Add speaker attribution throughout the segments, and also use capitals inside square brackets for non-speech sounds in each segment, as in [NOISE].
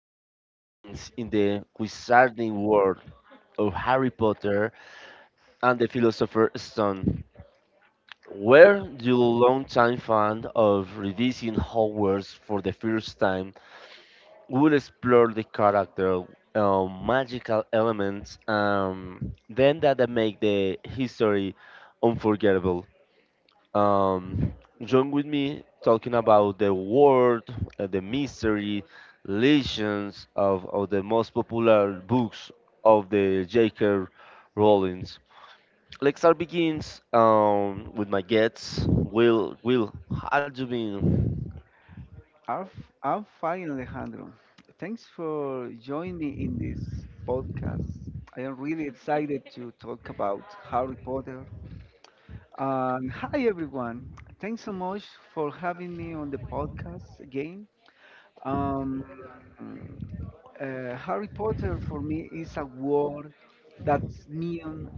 Speaker 1: the very beginnings in the wizarding world of Harry Potter and the Philosopher's Stone. Were you longtime fan of revising Hogwarts for the first time? We'll explore the character, magical elements, then that make the history unforgettable. Um, join with me talking about the world, the mystery, legends of the most popular books of the J.K. Rowling's. Let's start begins with my guests. Will, how you been?
Speaker 2: I'm fine, Alejandro. Thanks for joining me in this podcast. I am really excited to talk about Harry Potter. And hi, everyone. Thanks so much for having me on the podcast again. Um, Harry Potter for me is a word that means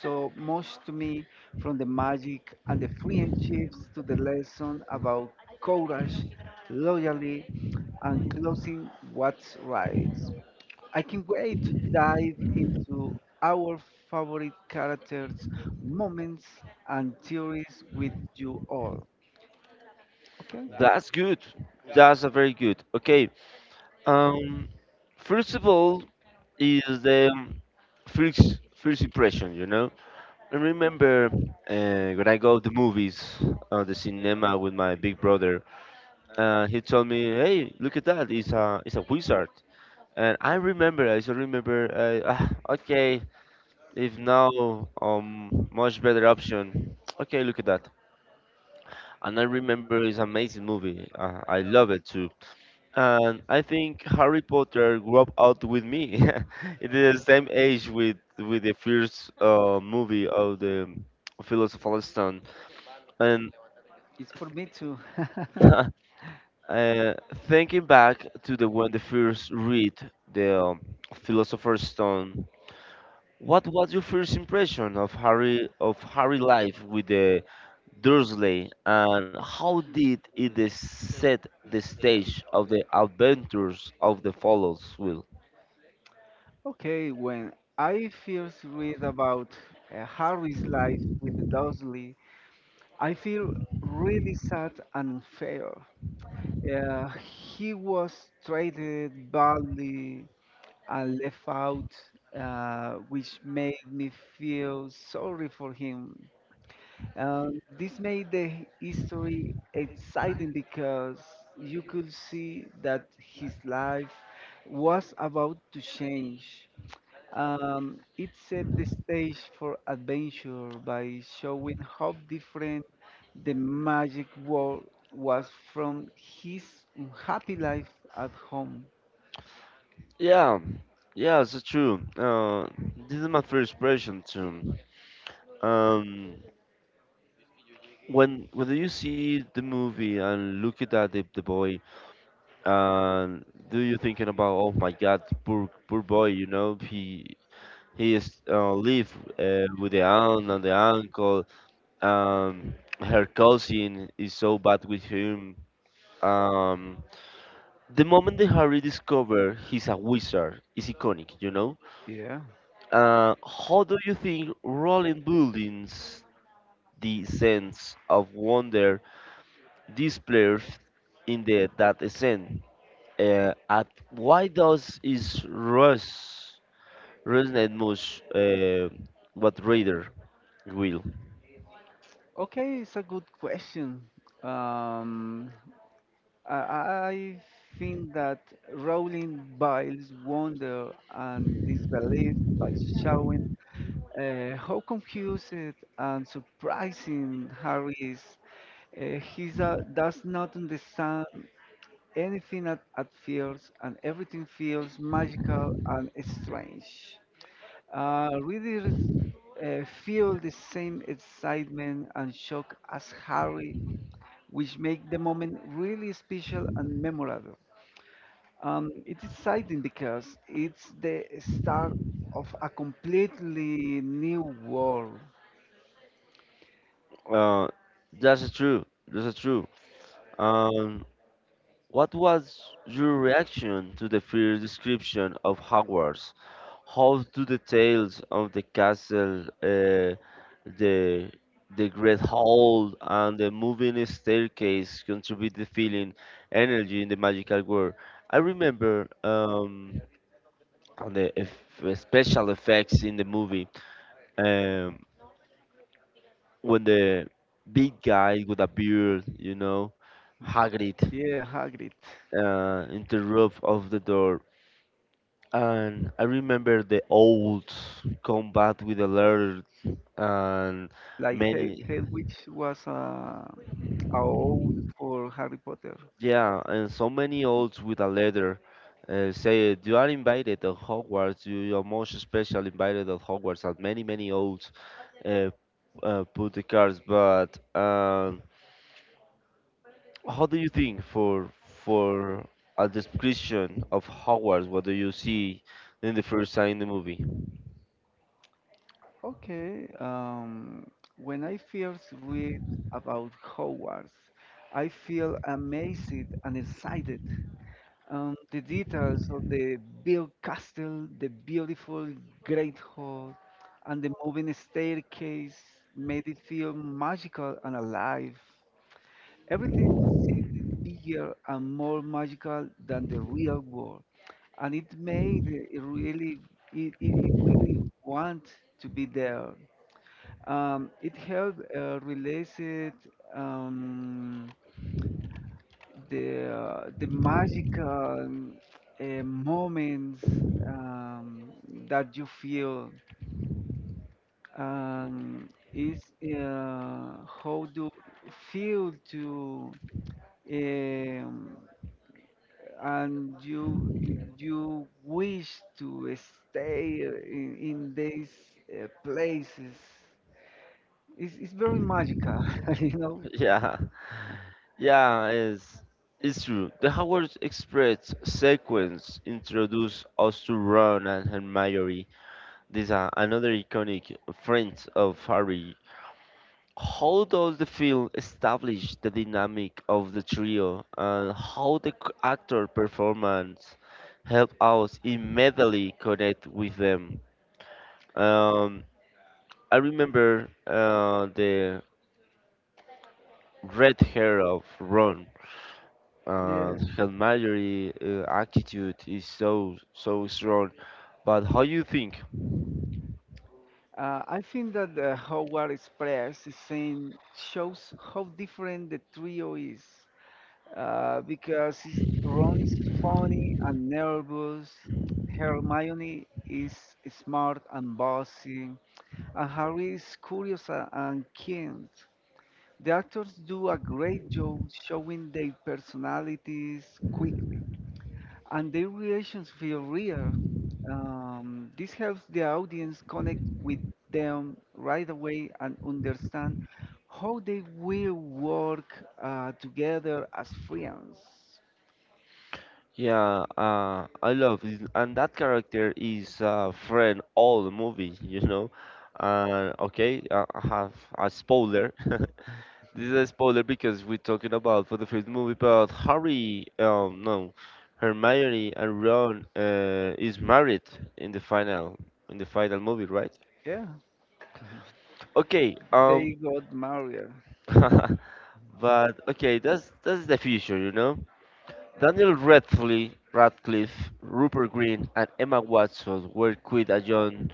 Speaker 2: so much to me, from the magic and the friendships to the lesson about courage, loyalty, and closing what's right. I can't wait to dive into our favorite characters, moments, and theories with you all. Okay?
Speaker 1: That's good. That's a very good. Okay, Um, first of all, is the first impression. I remember when I go to the movies, the cinema with my big brother. He told me, "Hey, look at that! it's a wizard." And I remember, I still remember. [SIGHS] Ah, okay, if now much better option. Okay, look at that. And I remember it's an amazing movie. I love it too. And I think Harry Potter grew up out with me. [LAUGHS] It is the same age with the first movie of the Philosopher's Stone. And
Speaker 2: It's for me too. [LAUGHS]
Speaker 1: [LAUGHS] uh, thinking back to the when the first read the Philosopher's Stone, what was your first impression of Harry life with the Dursley, and how did it is set the stage of the adventures of the follows? Will?
Speaker 2: Okay, when I first read about Harry's life with Dursley, I feel really sad and unfair. He was treated badly and left out, which made me feel sorry for him. This made the history exciting because you could see that his life was about to change. It set the stage for adventure by showing how different the magic world was from his unhappy life at home.
Speaker 1: Yeah, yeah, it's true. This is my first impression too. Um, when you see the movie and look at that, the boy, and do you thinking about, oh my God, poor boy, he is live with the aunt and the uncle. Um, her cousin is so bad with him. Um, the moment that Harry discover he's a wizard is iconic, you know
Speaker 2: Yeah.
Speaker 1: Uh, How do you think rolling buildings the sense of wonder displays in the that scene? At why does is Russ resonate much what reader will?
Speaker 2: Okay, it's a good question. Um, I think that Rowling builds wonder and disbelief by showing how confused and surprising Harry is. He does not understand anything at first, and everything feels magical and strange. Readers feel the same excitement and shock as Harry, which make the moment really special and memorable. It's exciting because it's the start of a completely new world.
Speaker 1: Uh, that's true. That's true. Um, what was your reaction to the first description of Hogwarts? How do the tales of the castle, the the great hall, and the moving staircase contribute the feeling, energy in the magical world? I remember on the special effects in the movie um, when the big guy with a beard, Hagrid,
Speaker 2: Yeah, Hagrid.
Speaker 1: in the roof of the door. And I remember the old combat with the leather and
Speaker 2: Like
Speaker 1: many
Speaker 2: Hedwig was a owl for Harry Potter.
Speaker 1: yeah and so many olds with a letter say you are invited at Hogwarts you're most special invited at Hogwarts and many olds uh, put the cards but how do you think for a description of Hogwarts what do you see in the first time in the movie.
Speaker 2: Okay. When I first read about Hogwarts, I feel amazed and excited. The details of the built castle, the beautiful great hall, and the moving staircase made it feel magical and alive. Everything's bigger and more magical than the real world, and it made it really, it really want to be there. It helped release it. Um, the magical moments um, that you feel um, is uh, how do feel to um, and you wish to stay in these places. It's very magical, [LAUGHS] you know.
Speaker 1: [LAUGHS] Yeah, yeah, it's true. The Hogwarts Express sequence introduced us to Ron and Hermione. This are another iconic friends of Harry. How does the film establish the dynamic of the trio and how the actor performance help us immediately connect with them? Um, I remember the red hair of Ron.
Speaker 2: Yeah.
Speaker 1: Her attitude is so strong. But how you think?
Speaker 2: I think that the Howard Express is saying shows how different the trio is because Ron is funny and nervous, Hermione is smart and bossy, and Harry is curious and keen. The actors do a great job showing their personalities quickly, and their reactions feel real. This helps the audience connect with them right away and understand how they will work together as friends.
Speaker 1: Yeah, I love it. And that character is a friend all the movie, [LAUGHS] you know. And okay, I have a spoiler. [LAUGHS] This is a spoiler because we're talking about for the first movie, but Harry, no, Hermione and Ron is married in the final in the final movie, right?
Speaker 2: Yeah,
Speaker 1: Okay,
Speaker 2: they got married.
Speaker 1: [LAUGHS] but okay, that's the future. Daniel Radcliffe, Rupert Green, and Emma Watson were quite a young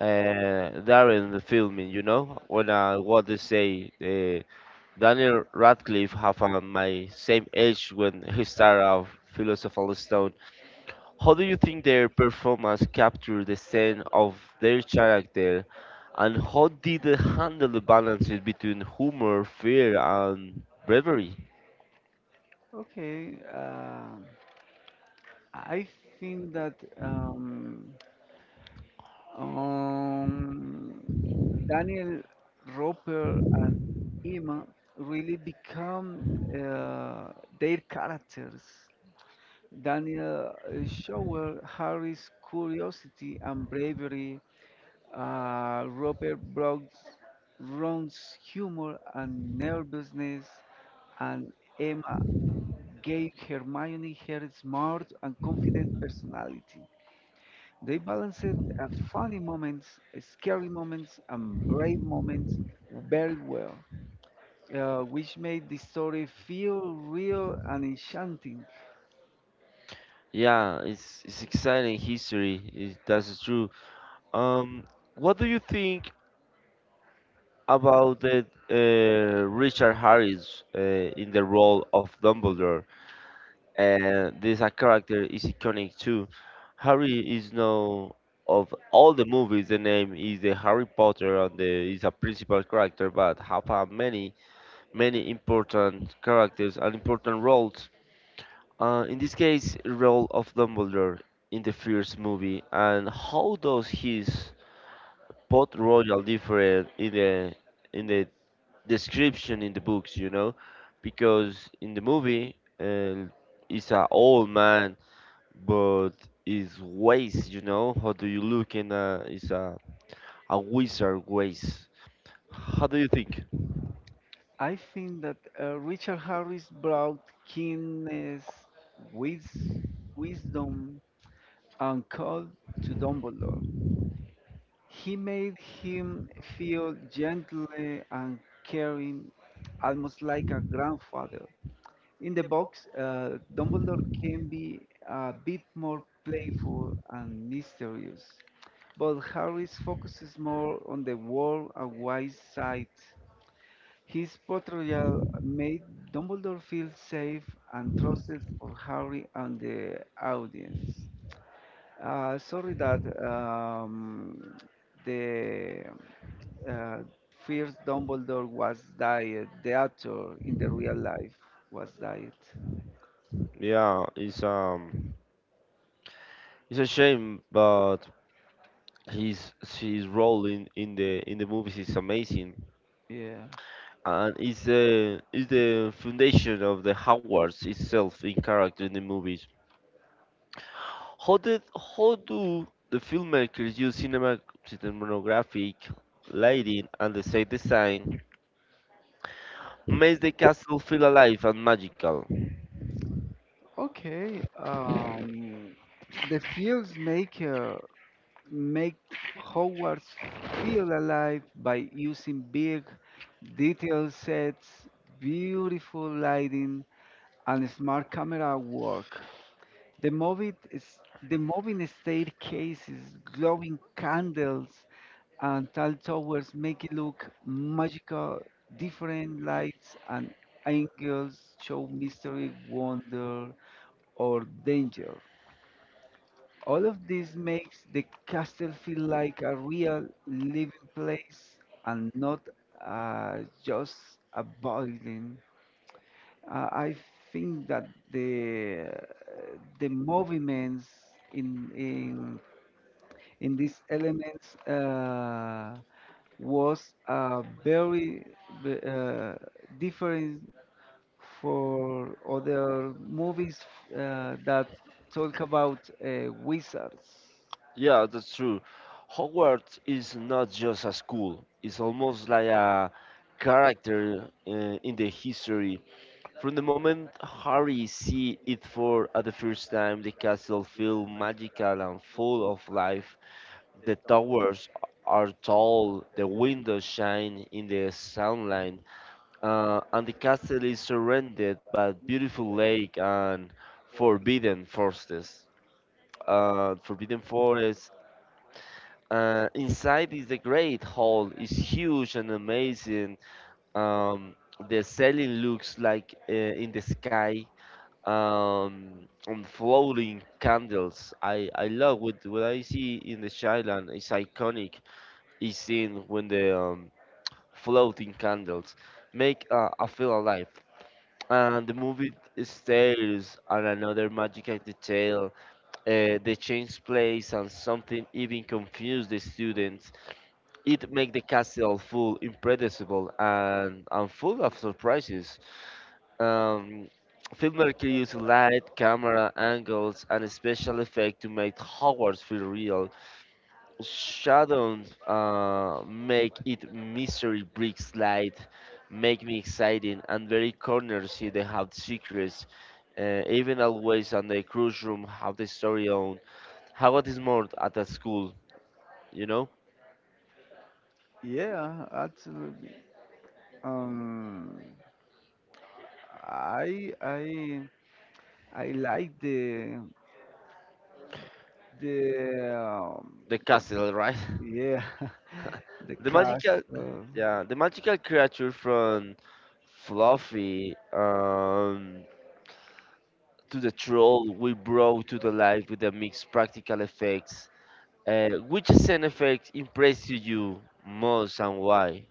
Speaker 1: during the filming. You know, when what they say, Daniel Radcliffe have my same age when he started off Philosopher's Stone. How do you think their performance captured the sense of their character, and how did they handle the balance between humor, fear, and bravery?
Speaker 2: Okay, I think that. Um, Um, Daniel Roper and Emma really become uh, their characters. Daniel showed Harry's curiosity and bravery. Roper brought Ron's humor and nervousness, and Emma gave Hermione her smart and confident personality. They balance it at funny moments, scary moments, and brave moments very well, which made the story feel real and enchanting.
Speaker 1: Yeah, it's exciting history. That's true. Um, what do you think about the Richard Harris in the role of Dumbledore? And this a character is iconic too. Harry is now of all the movies, the name is the Harry Potter, and the is a principal character, but have a many important characters and important roles. In this case, role of Dumbledore in the first movie, and how does his pot royal differ the in the description in the books? You know, because in the movie, he's an old man, but his ways, how do you look in a is a wizard ways? How do you think?
Speaker 2: I think that Richard Harris brought keenness, wis- wisdom, and cold to Dumbledore. He made him feel gentle and caring, almost like a grandfather. In the box, Dumbledore can be a bit more playful and mysterious, but Harry's focus is more on the world and wise side. His portrayal made Dumbledore feel safe and trusted for Harry and the audience. Sorry that um, the uh, first Dumbledore was died. The actor in the real life was died.
Speaker 1: Yeah, it's a shame, but his his role in the movies is amazing
Speaker 2: Yeah.
Speaker 1: and it's the foundation of the Howards itself in character in the movies. How did how do the filmmakers use cinematographic lighting and the set design makes the castle feel alive and magical?
Speaker 2: Okay, the fields make make Hogwarts feel alive by using big, detailed sets, beautiful lighting, and smart camera work. The moving is the moving staircases, glowing candles, and tall towers make it look magical. Different lights and angles show mystery, wonder, or danger. All of this makes the castle feel like a real living place and not just a building. I think that the the movements in in in these elements was a very ve- uh, different for other movies that talk about wizards.
Speaker 1: Yeah, that's true. Hogwarts is not just a school; it's almost like a character in the history. From the moment Harry sees it for at the first time, the castle feels magical and full of life. The towers are tall, the windows shine in the sunlight, and the castle is surrounded by beautiful lake and forbidden forests. Forbidden forests. Inside is the great hall. It's huge and amazing. Um, the ceiling looks like in the sky on floating candles. I love what I see in the shyland is iconic is seen when the floating candles make, I feel alive. And the movie stares at another magical detail, the change place and something even confuse the students. It make the castle full impressible and full of surprises. um, Filmmaker used light, camera angles, and special effects to make Hogwarts feel real. Shadows make it mystery bricks light, make me exciting, and very corners here they have secrets. Even always on the cruise room have the story on. How it is more at the school, you know?
Speaker 2: Yeah, absolutely. Um, I I I like the
Speaker 1: The castle, right? [LAUGHS]
Speaker 2: yeah [LAUGHS] the
Speaker 1: The
Speaker 2: cast.
Speaker 1: magical,
Speaker 2: Uh,
Speaker 1: yeah, the magical creature from Fluffy. To the troll we brought to the life with the mixed practical effects. Which scene effect impressed you most and why?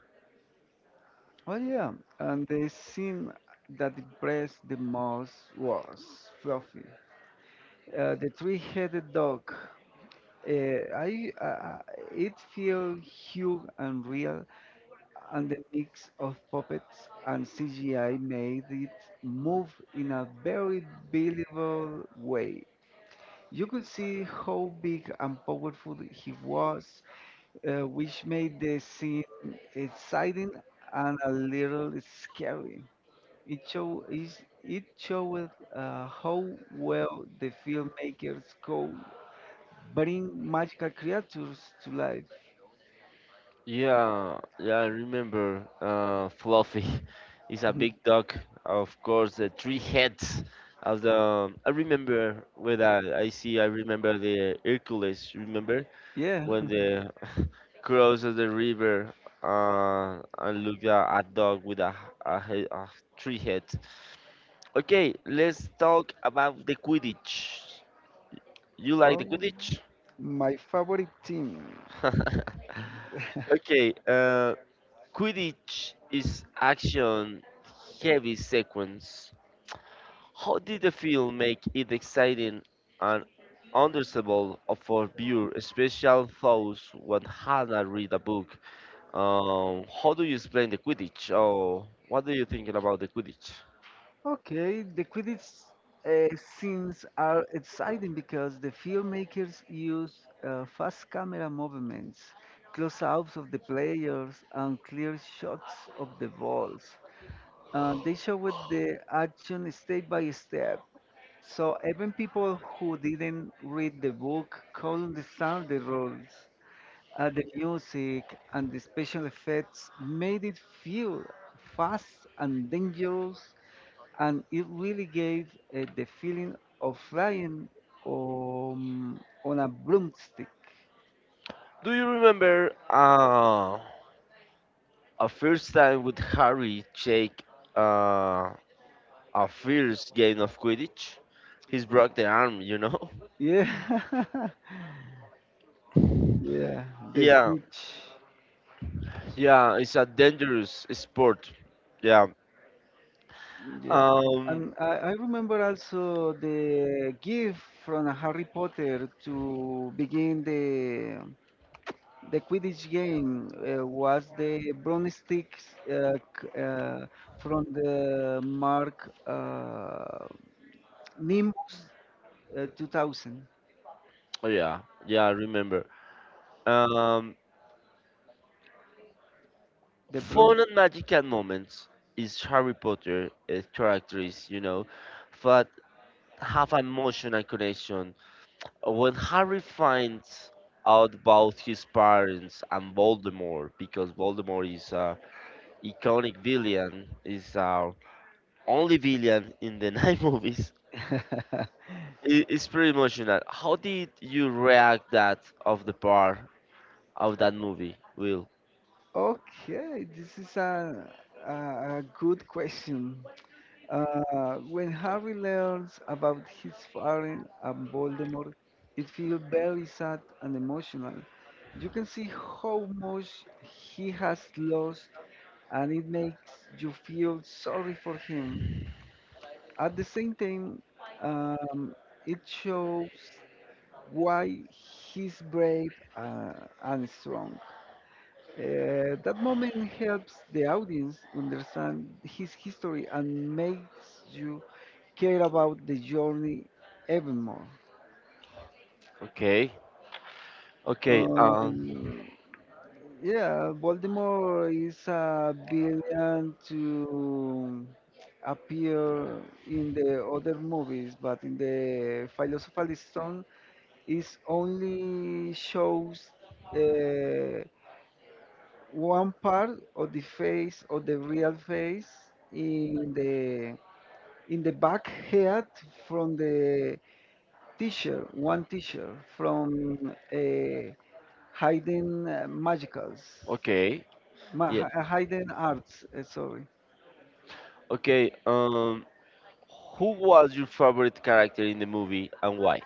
Speaker 2: oh yeah, and the scene that impressed the most was Fluffy, the three-headed dog. I it feels huge and real, and the mix of puppets and CGI made it move in a very believable way. You could see how big and powerful he was, which made the scene exciting and a little scary. It show it showed how well the filmmakers could bring magical creatures to life.
Speaker 1: Yeah, yeah, I remember Fluffy [LAUGHS] is a big dog. Of course, the three heads of the. I remember when I see, I remember the Hercules, remember?
Speaker 2: Yeah.
Speaker 1: When
Speaker 2: [LAUGHS]
Speaker 1: the [LAUGHS] cross of the river and look at a dog with a head, a three head. Okay, let's talk about the Quidditch. You like
Speaker 2: Oh,
Speaker 1: the Quidditch?
Speaker 2: my favorite team.
Speaker 1: [LAUGHS] Okay,
Speaker 2: [LAUGHS]
Speaker 1: Quidditch is action heavy sequence. How did the film make it exciting and understandable for viewer, especially those who haven't read a book? How do you explain the Quidditch? Oh, what do you think about the Quidditch?
Speaker 2: Okay, the Quidditch scenes are exciting because the filmmakers use fast camera movements, close-ups of the players, and clear shots of the balls. They show with the action step by step, so even people who didn't read the book could understand the rules. The music and the special effects made it feel fast and dangerous, and it really gave the feeling of flying um, on a broomstick.
Speaker 1: Do you remember? A first time with Harry take uh, a first game of Quidditch. He's broke the arm, you know? [LAUGHS]
Speaker 2: Yeah, [LAUGHS] yeah, the
Speaker 1: Yeah,
Speaker 2: snitch.
Speaker 1: yeah, it's a dangerous sport. Yeah.
Speaker 2: Yeah.
Speaker 1: Um,
Speaker 2: And I remember also the gift from Harry Potter to begin the Quidditch game was the broomsticks uh, c- uh, from the mark Nimbus 2000.
Speaker 1: yeah, yeah, I remember. Um,
Speaker 2: The
Speaker 1: fun
Speaker 2: broom.
Speaker 1: and magical moments is Harry Potter characters, but have an emotional connection. When Harry finds out about his parents and Voldemort, because Voldemort is a iconic villain, is our only villain in the [LAUGHS] nine movies,
Speaker 2: [LAUGHS]
Speaker 1: it's pretty emotional. How did you react that of the part of that movie, Will?
Speaker 2: Okay, this is a good question. When Harry learns about his father and Voldemort, it feels very sad and emotional. You can see how much he has lost, and it makes you feel sorry for him. At the same time, um, it shows why he's brave and strong. That moment helps the audience understand his history and makes you care about the journey even more.
Speaker 1: Okay,
Speaker 2: Okay.
Speaker 1: okay,
Speaker 2: Yeah, Baltimore is a villain to appear in the other movies, but in the Philosopher's Stone, is only shows uh, one part of the face of the real face in the in the back head from the teacher, one teacher from Hidden Magicals.
Speaker 1: okay, yeah,
Speaker 2: Hidden arts, sorry.
Speaker 1: okay. Who was your favorite character in the movie and why?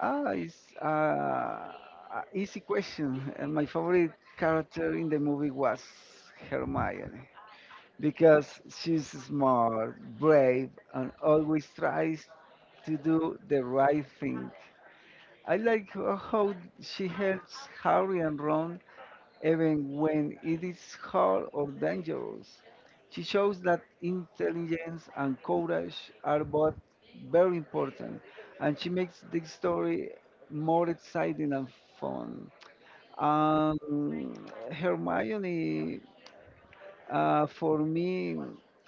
Speaker 2: Ah, it's a easy question. And my favorite character in the movie was Hermione because she's smart, brave, and always tries to do the right thing. I like how she helps Harry and Ron even when it is hard or dangerous. She shows that intelligence and courage are both very important, and she makes the story more exciting and fun. Hermione, for me,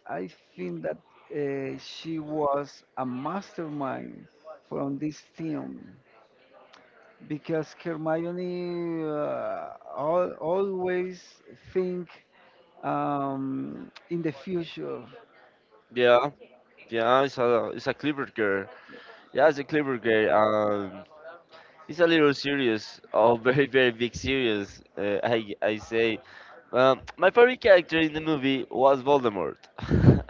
Speaker 2: I think that she was a mastermind from this team because Hermione al always think in the future.
Speaker 1: Yeah, yeah, it's a clever girl. Yeah, it's a clever girl. It's a little serious, oh, very big serious. I say, my favorite character in the movie was Voldemort. [LAUGHS]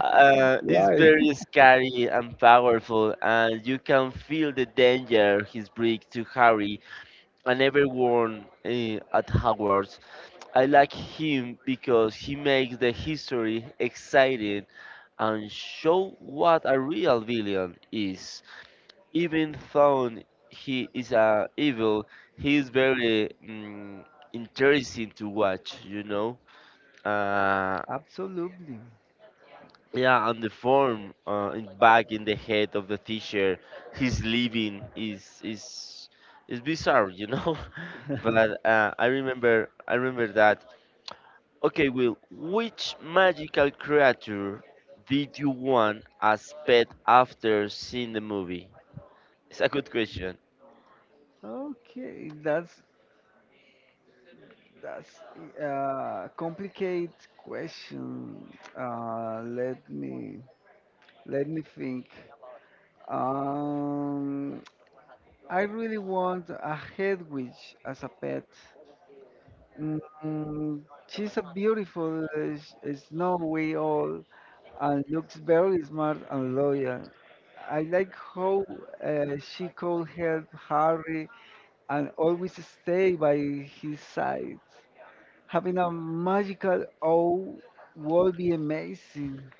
Speaker 1: he's
Speaker 2: Why?
Speaker 1: very scary and powerful, and you can feel the danger he's bringing to Harry and everyone at Hogwarts. I like him because he makes the history exciting and show what a real villain is. Even though he is evil, he is very interesting to watch, you know? Uh,
Speaker 2: Absolutely.
Speaker 1: yeah, and the form in back in the head of the teacher, his living is bizarre, you know?
Speaker 2: [LAUGHS]
Speaker 1: [LAUGHS] But I remember that. Okay, Will, which magical creature did you want as pet after seeing the movie? It's a good question.
Speaker 2: Okay, that's a complicated question. Uh, let me Let me think. Um, I really want a head witch as a pet. Mm, she's a beautiful snowy all and looks very smart and loyal. I like how she could help Harry and always stay by his side. Having a magical owl would be amazing.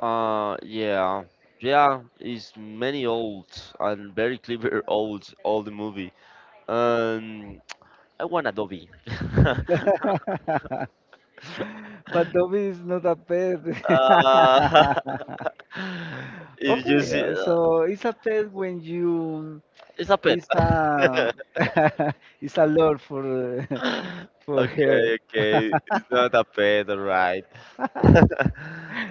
Speaker 1: Yeah, yeah, it's many old and very clever [LAUGHS] old all the movie. Um, I want Adobe. [LAUGHS]
Speaker 2: [LAUGHS] But Dobby is not a pet. [LAUGHS]
Speaker 1: uh, [LAUGHS] if you
Speaker 2: Okay, yes.
Speaker 1: see,
Speaker 2: So it's a test when you
Speaker 1: it's a
Speaker 2: [LAUGHS]
Speaker 1: pet.
Speaker 2: it's a
Speaker 1: [LAUGHS]
Speaker 2: lot for uh, [LAUGHS] for her.
Speaker 1: Okay, okay, it's not a pet, alright. [LAUGHS]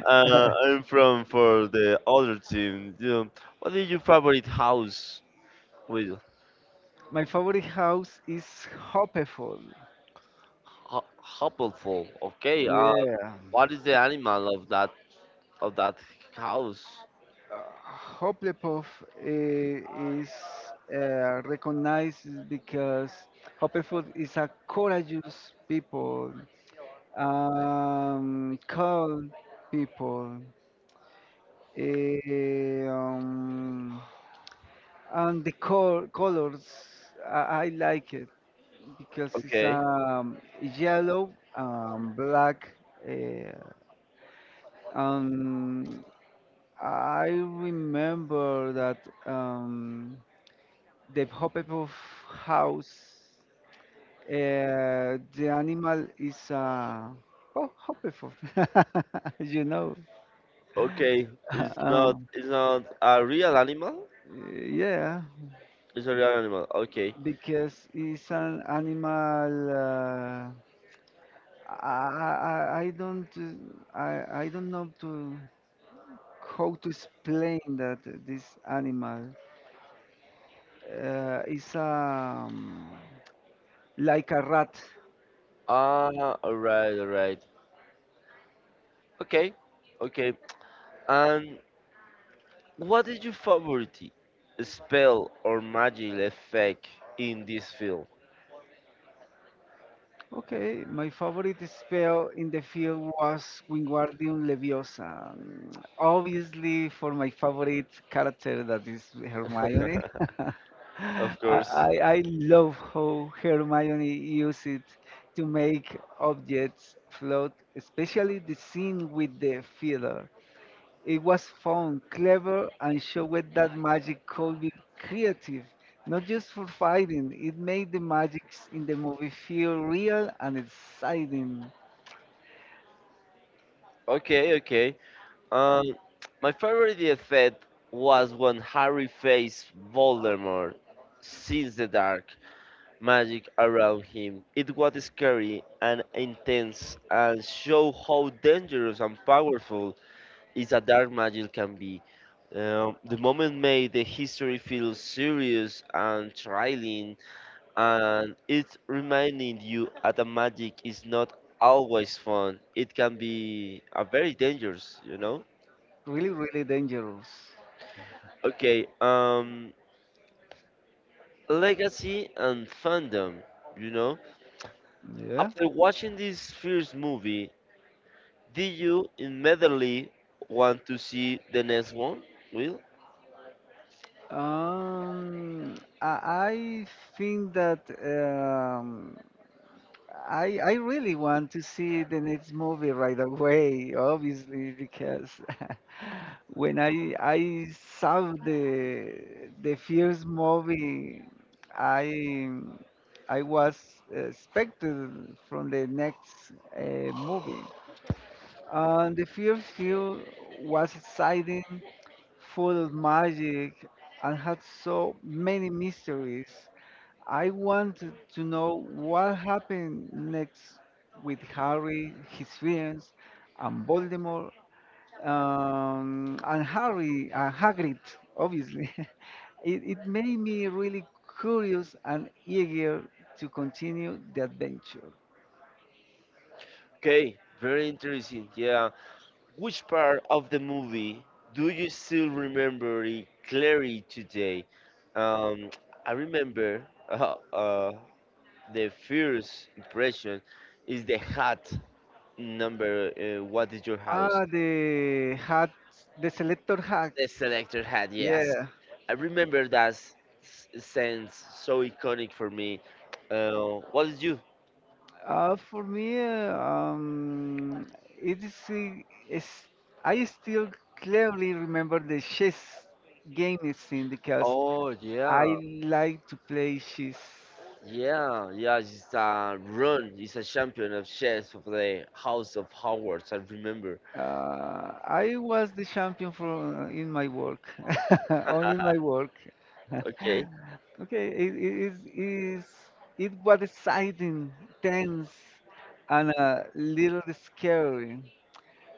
Speaker 1: I'm from for the other team. You know, what is your favorite house with
Speaker 2: My favorite house is Hopeful.
Speaker 1: ho- Hoppleful? Okay.
Speaker 2: Yeah,
Speaker 1: What is the animal of that of that house?
Speaker 2: uh, Hopeful is recognized because Hopeful is a courageous people, calm people. eh, um, and the colors I, I like it because it's okay.
Speaker 1: Okay.
Speaker 2: Yellow, black. uh, um I remember that um the Hufflepuff house, the animal is oh Hufflepuff, [LAUGHS] you know.
Speaker 1: Okay. It's
Speaker 2: [LAUGHS]
Speaker 1: not.
Speaker 2: um,
Speaker 1: It's not a real animal.
Speaker 2: yeah,
Speaker 1: It's a real animal. Okay.
Speaker 2: because it's an animal. I don't I don't know to how to explain that this animal is, like a rat.
Speaker 1: Ah. All right. All right. Okay. Okay. And what is your favorite spell or magic effect in this film?
Speaker 2: Okay, my favorite spell in the field was Wingardium Leviosa. Mm, obviously, for my favorite character, that is Hermione.
Speaker 1: [LAUGHS]
Speaker 2: [LAUGHS]
Speaker 1: Of
Speaker 2: I,
Speaker 1: course.
Speaker 2: I I love how Hermione used it to make objects float, especially the scene with the feather. It was fun, clever, and showed that magic could be creative, not just for fighting. It made the magics in the movie feel real and exciting,
Speaker 1: Okay, okay. Um, my favorite effect was when Harry faced Voldemort since the dark magic around him. It was scary and intense and showed how dangerous and powerful is a dark magic can be. The moment made the history feel serious and thrilling and it's reminding you that the magic is not always fun. It can be a very dangerous, you know.
Speaker 2: really, really dangerous.
Speaker 1: Okay, legacy and fandom, you know.
Speaker 2: Yeah.
Speaker 1: After watching this first movie, did you immediately want to see the next one? Will?
Speaker 2: Um, I I think that I really want to see the next movie right away, obviously, because [LAUGHS] when I saw the first movie, I I was expected from the next movie. And the first film was exciting, full of magic, and had so many mysteries. I want to know what happened next with Harry, his friends, and Voldemort, and Harry, Hagrid, obviously. [LAUGHS] it made me really curious and eager to continue the adventure.
Speaker 1: Okay, very interesting. Yeah, which part of the movie do you still remember it clearly today? Um, I remember [LAUGHS] uh, uh, the first impression is the hat number. What is your house?
Speaker 2: Ah, the hat, the selector hat.
Speaker 1: The selector hat, yes.
Speaker 2: Yeah.
Speaker 1: I remember that sense so iconic for me. What is you?
Speaker 2: For me, it is- I still clearly remember the chess game scene because
Speaker 1: Oh
Speaker 2: I
Speaker 1: yeah,
Speaker 2: like to play chess.
Speaker 1: yeah, yeah. It's a run. It's a champion of chess of the House of Howards. I remember.
Speaker 2: I was the champion for in my work, [LAUGHS] only in my work. [LAUGHS]
Speaker 1: Okay.
Speaker 2: Okay, it is it was exciting, tense, and a little scary.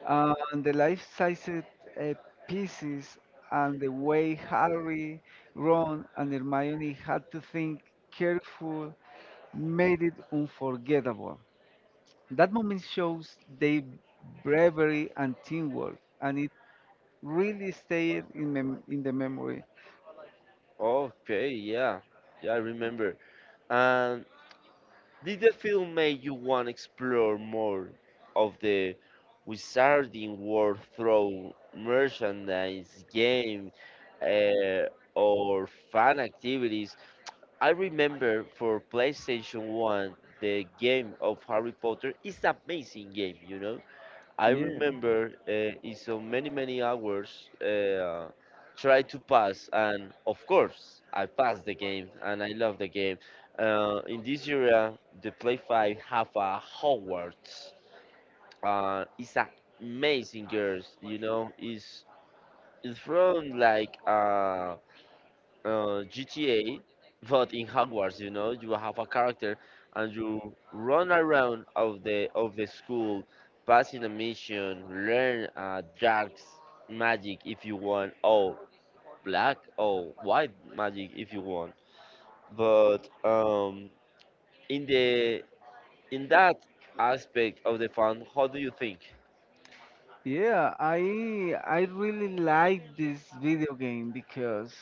Speaker 2: And the life-sized uh, pieces and the way Harry, Ron, and Hermione had to think careful made it unforgettable. That moment shows their bravery and teamwork, and it really stayed in the memory.
Speaker 1: Okay, yeah. Yeah, I remember. And did the film make you want to explore more of the wizarding world through merchandise, game, uh, or fun activities? I remember for PlayStation 1, the game of Harry Potter is amazing game, you know? I
Speaker 2: Yeah.
Speaker 1: remember in so many hours try to pass, and of course I passed the game, and I love the game. In this area, the Play Five have a Hogwarts. It's amazing, girls. You know, it's from like GTA, but in Hogwarts, you know, you have a character and you run around of the school, passing a mission, learn dark magic if you want, or black or white magic if you want. But in the in that aspect of the fun, how do you think?
Speaker 2: Yeah, I really like this video game because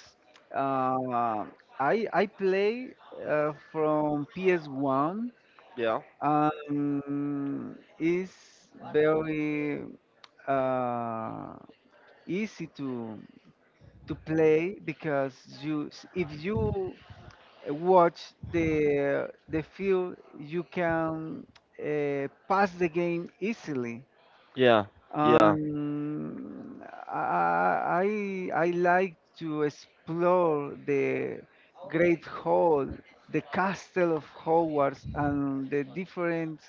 Speaker 2: uh, I play from PS1,
Speaker 1: Yeah.
Speaker 2: and it's very uh, easy to play because you if you watch the field you can pass the game easily.
Speaker 1: Yeah, yeah.
Speaker 2: Um, I like to explore the Great Hall, the Castle of Hogwarts, and the different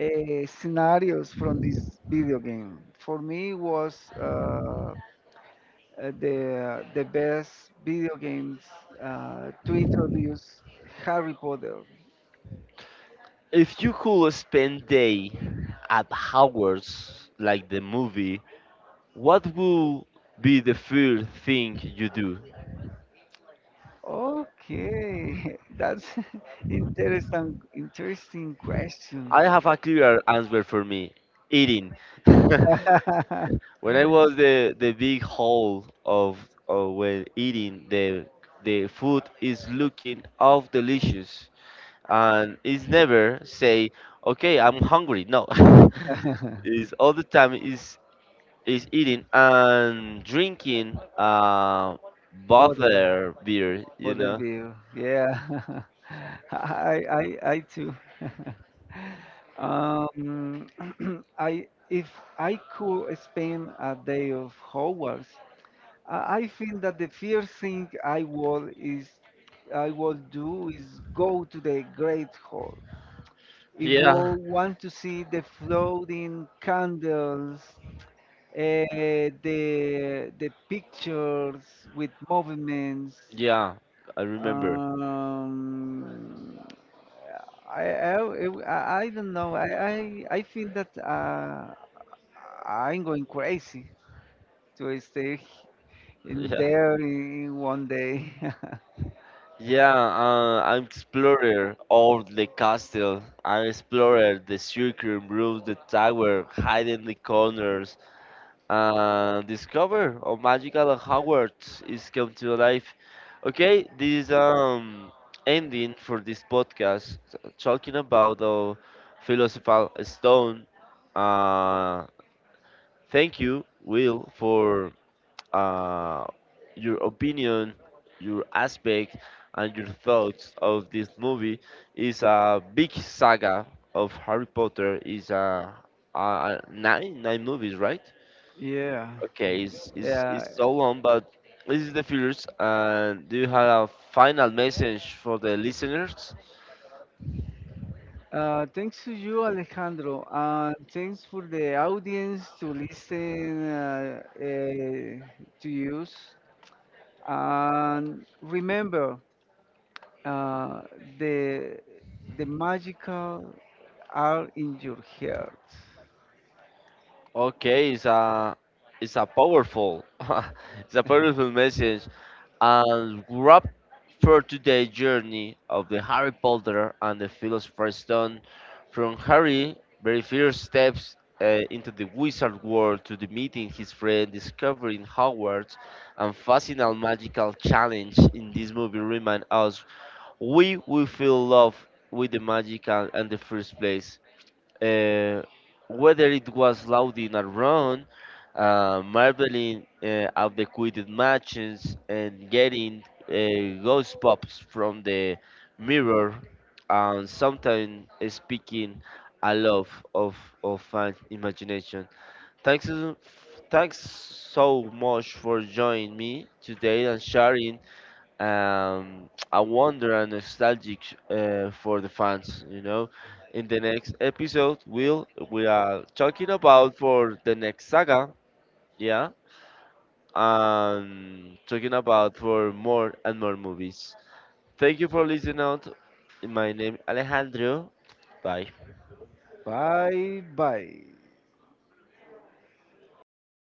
Speaker 2: scenarios from this video game. For me, it was the best video games to introduce Harry Potter.
Speaker 1: If you could spend day at Hogwarts, like the movie, what will be the first thing you do?
Speaker 2: Okay, [LAUGHS] that's [LAUGHS] interesting question.
Speaker 1: I have a clear answer for me. Eating. [LAUGHS]
Speaker 2: [LAUGHS]
Speaker 1: When I was the big hole of when eating the food is looking of delicious and it's never say okay I'm hungry no
Speaker 2: [LAUGHS]
Speaker 1: [LAUGHS] is
Speaker 2: It's
Speaker 1: all the time is eating and drinking
Speaker 2: bother Border,
Speaker 1: bother beer you
Speaker 2: border
Speaker 1: know.
Speaker 2: view. Yeah, [LAUGHS] I, I, I too. [LAUGHS] um, [CLEARS THROAT] I, if I could spend a day of Hogwarts, I feel that the first thing I will do is go to the Great Hall. I Yeah. will
Speaker 1: Yeah,
Speaker 2: want to see the floating candles, uh, the pictures with movements.
Speaker 1: yeah, I remember.
Speaker 2: Um, I, I, I, I don't know. I feel that I'm going crazy to stay
Speaker 1: [LAUGHS]
Speaker 2: in
Speaker 1: Yeah.
Speaker 2: there in one day.
Speaker 1: Yeah, I explored all the castle. I explored the circle, roof, the tower, hiding the corners, and discover a magical Hogwarts is come to life. Okay, this ending for this podcast talking about the philosophical stone. Uh, Thank you, Will, for uh, your opinion, your aspect, and your thoughts of this movie. It's a big saga of Harry Potter. Is a nine movies, right?
Speaker 2: [LAUGHS] Yeah.
Speaker 1: Okay, it's, it's
Speaker 2: Yeah.
Speaker 1: it's so long, but this is the first. And do you have a final message for the listeners?
Speaker 2: Thanks to you, Alejandro, and thanks for the audience to listen to use. And remember, uh, the the magical are in your heart.
Speaker 1: Okay, it's a powerful [LAUGHS] it's a powerful message and wrap for today journey of the Harry Potter and the Philosopher's Stone from Harry very first steps into the wizard world to the meeting his friend discovering Hogwarts and fascinating magical challenge in this movie remind us we will feel love with the magic and the first place uh, whether it was lauding a run, marveling at the quitted matches, and getting ghost pops from the mirror, and sometimes speaking aloud of of fan imagination. Thanks, thanks so much for joining me today and sharing a wonder and nostalgic for the fans. You know, in the next episode, we are talking about for the next saga, yeah, and talking about for more and more movies. Thank you for listening out. My name Alejandro. Bye.
Speaker 2: Bye bye.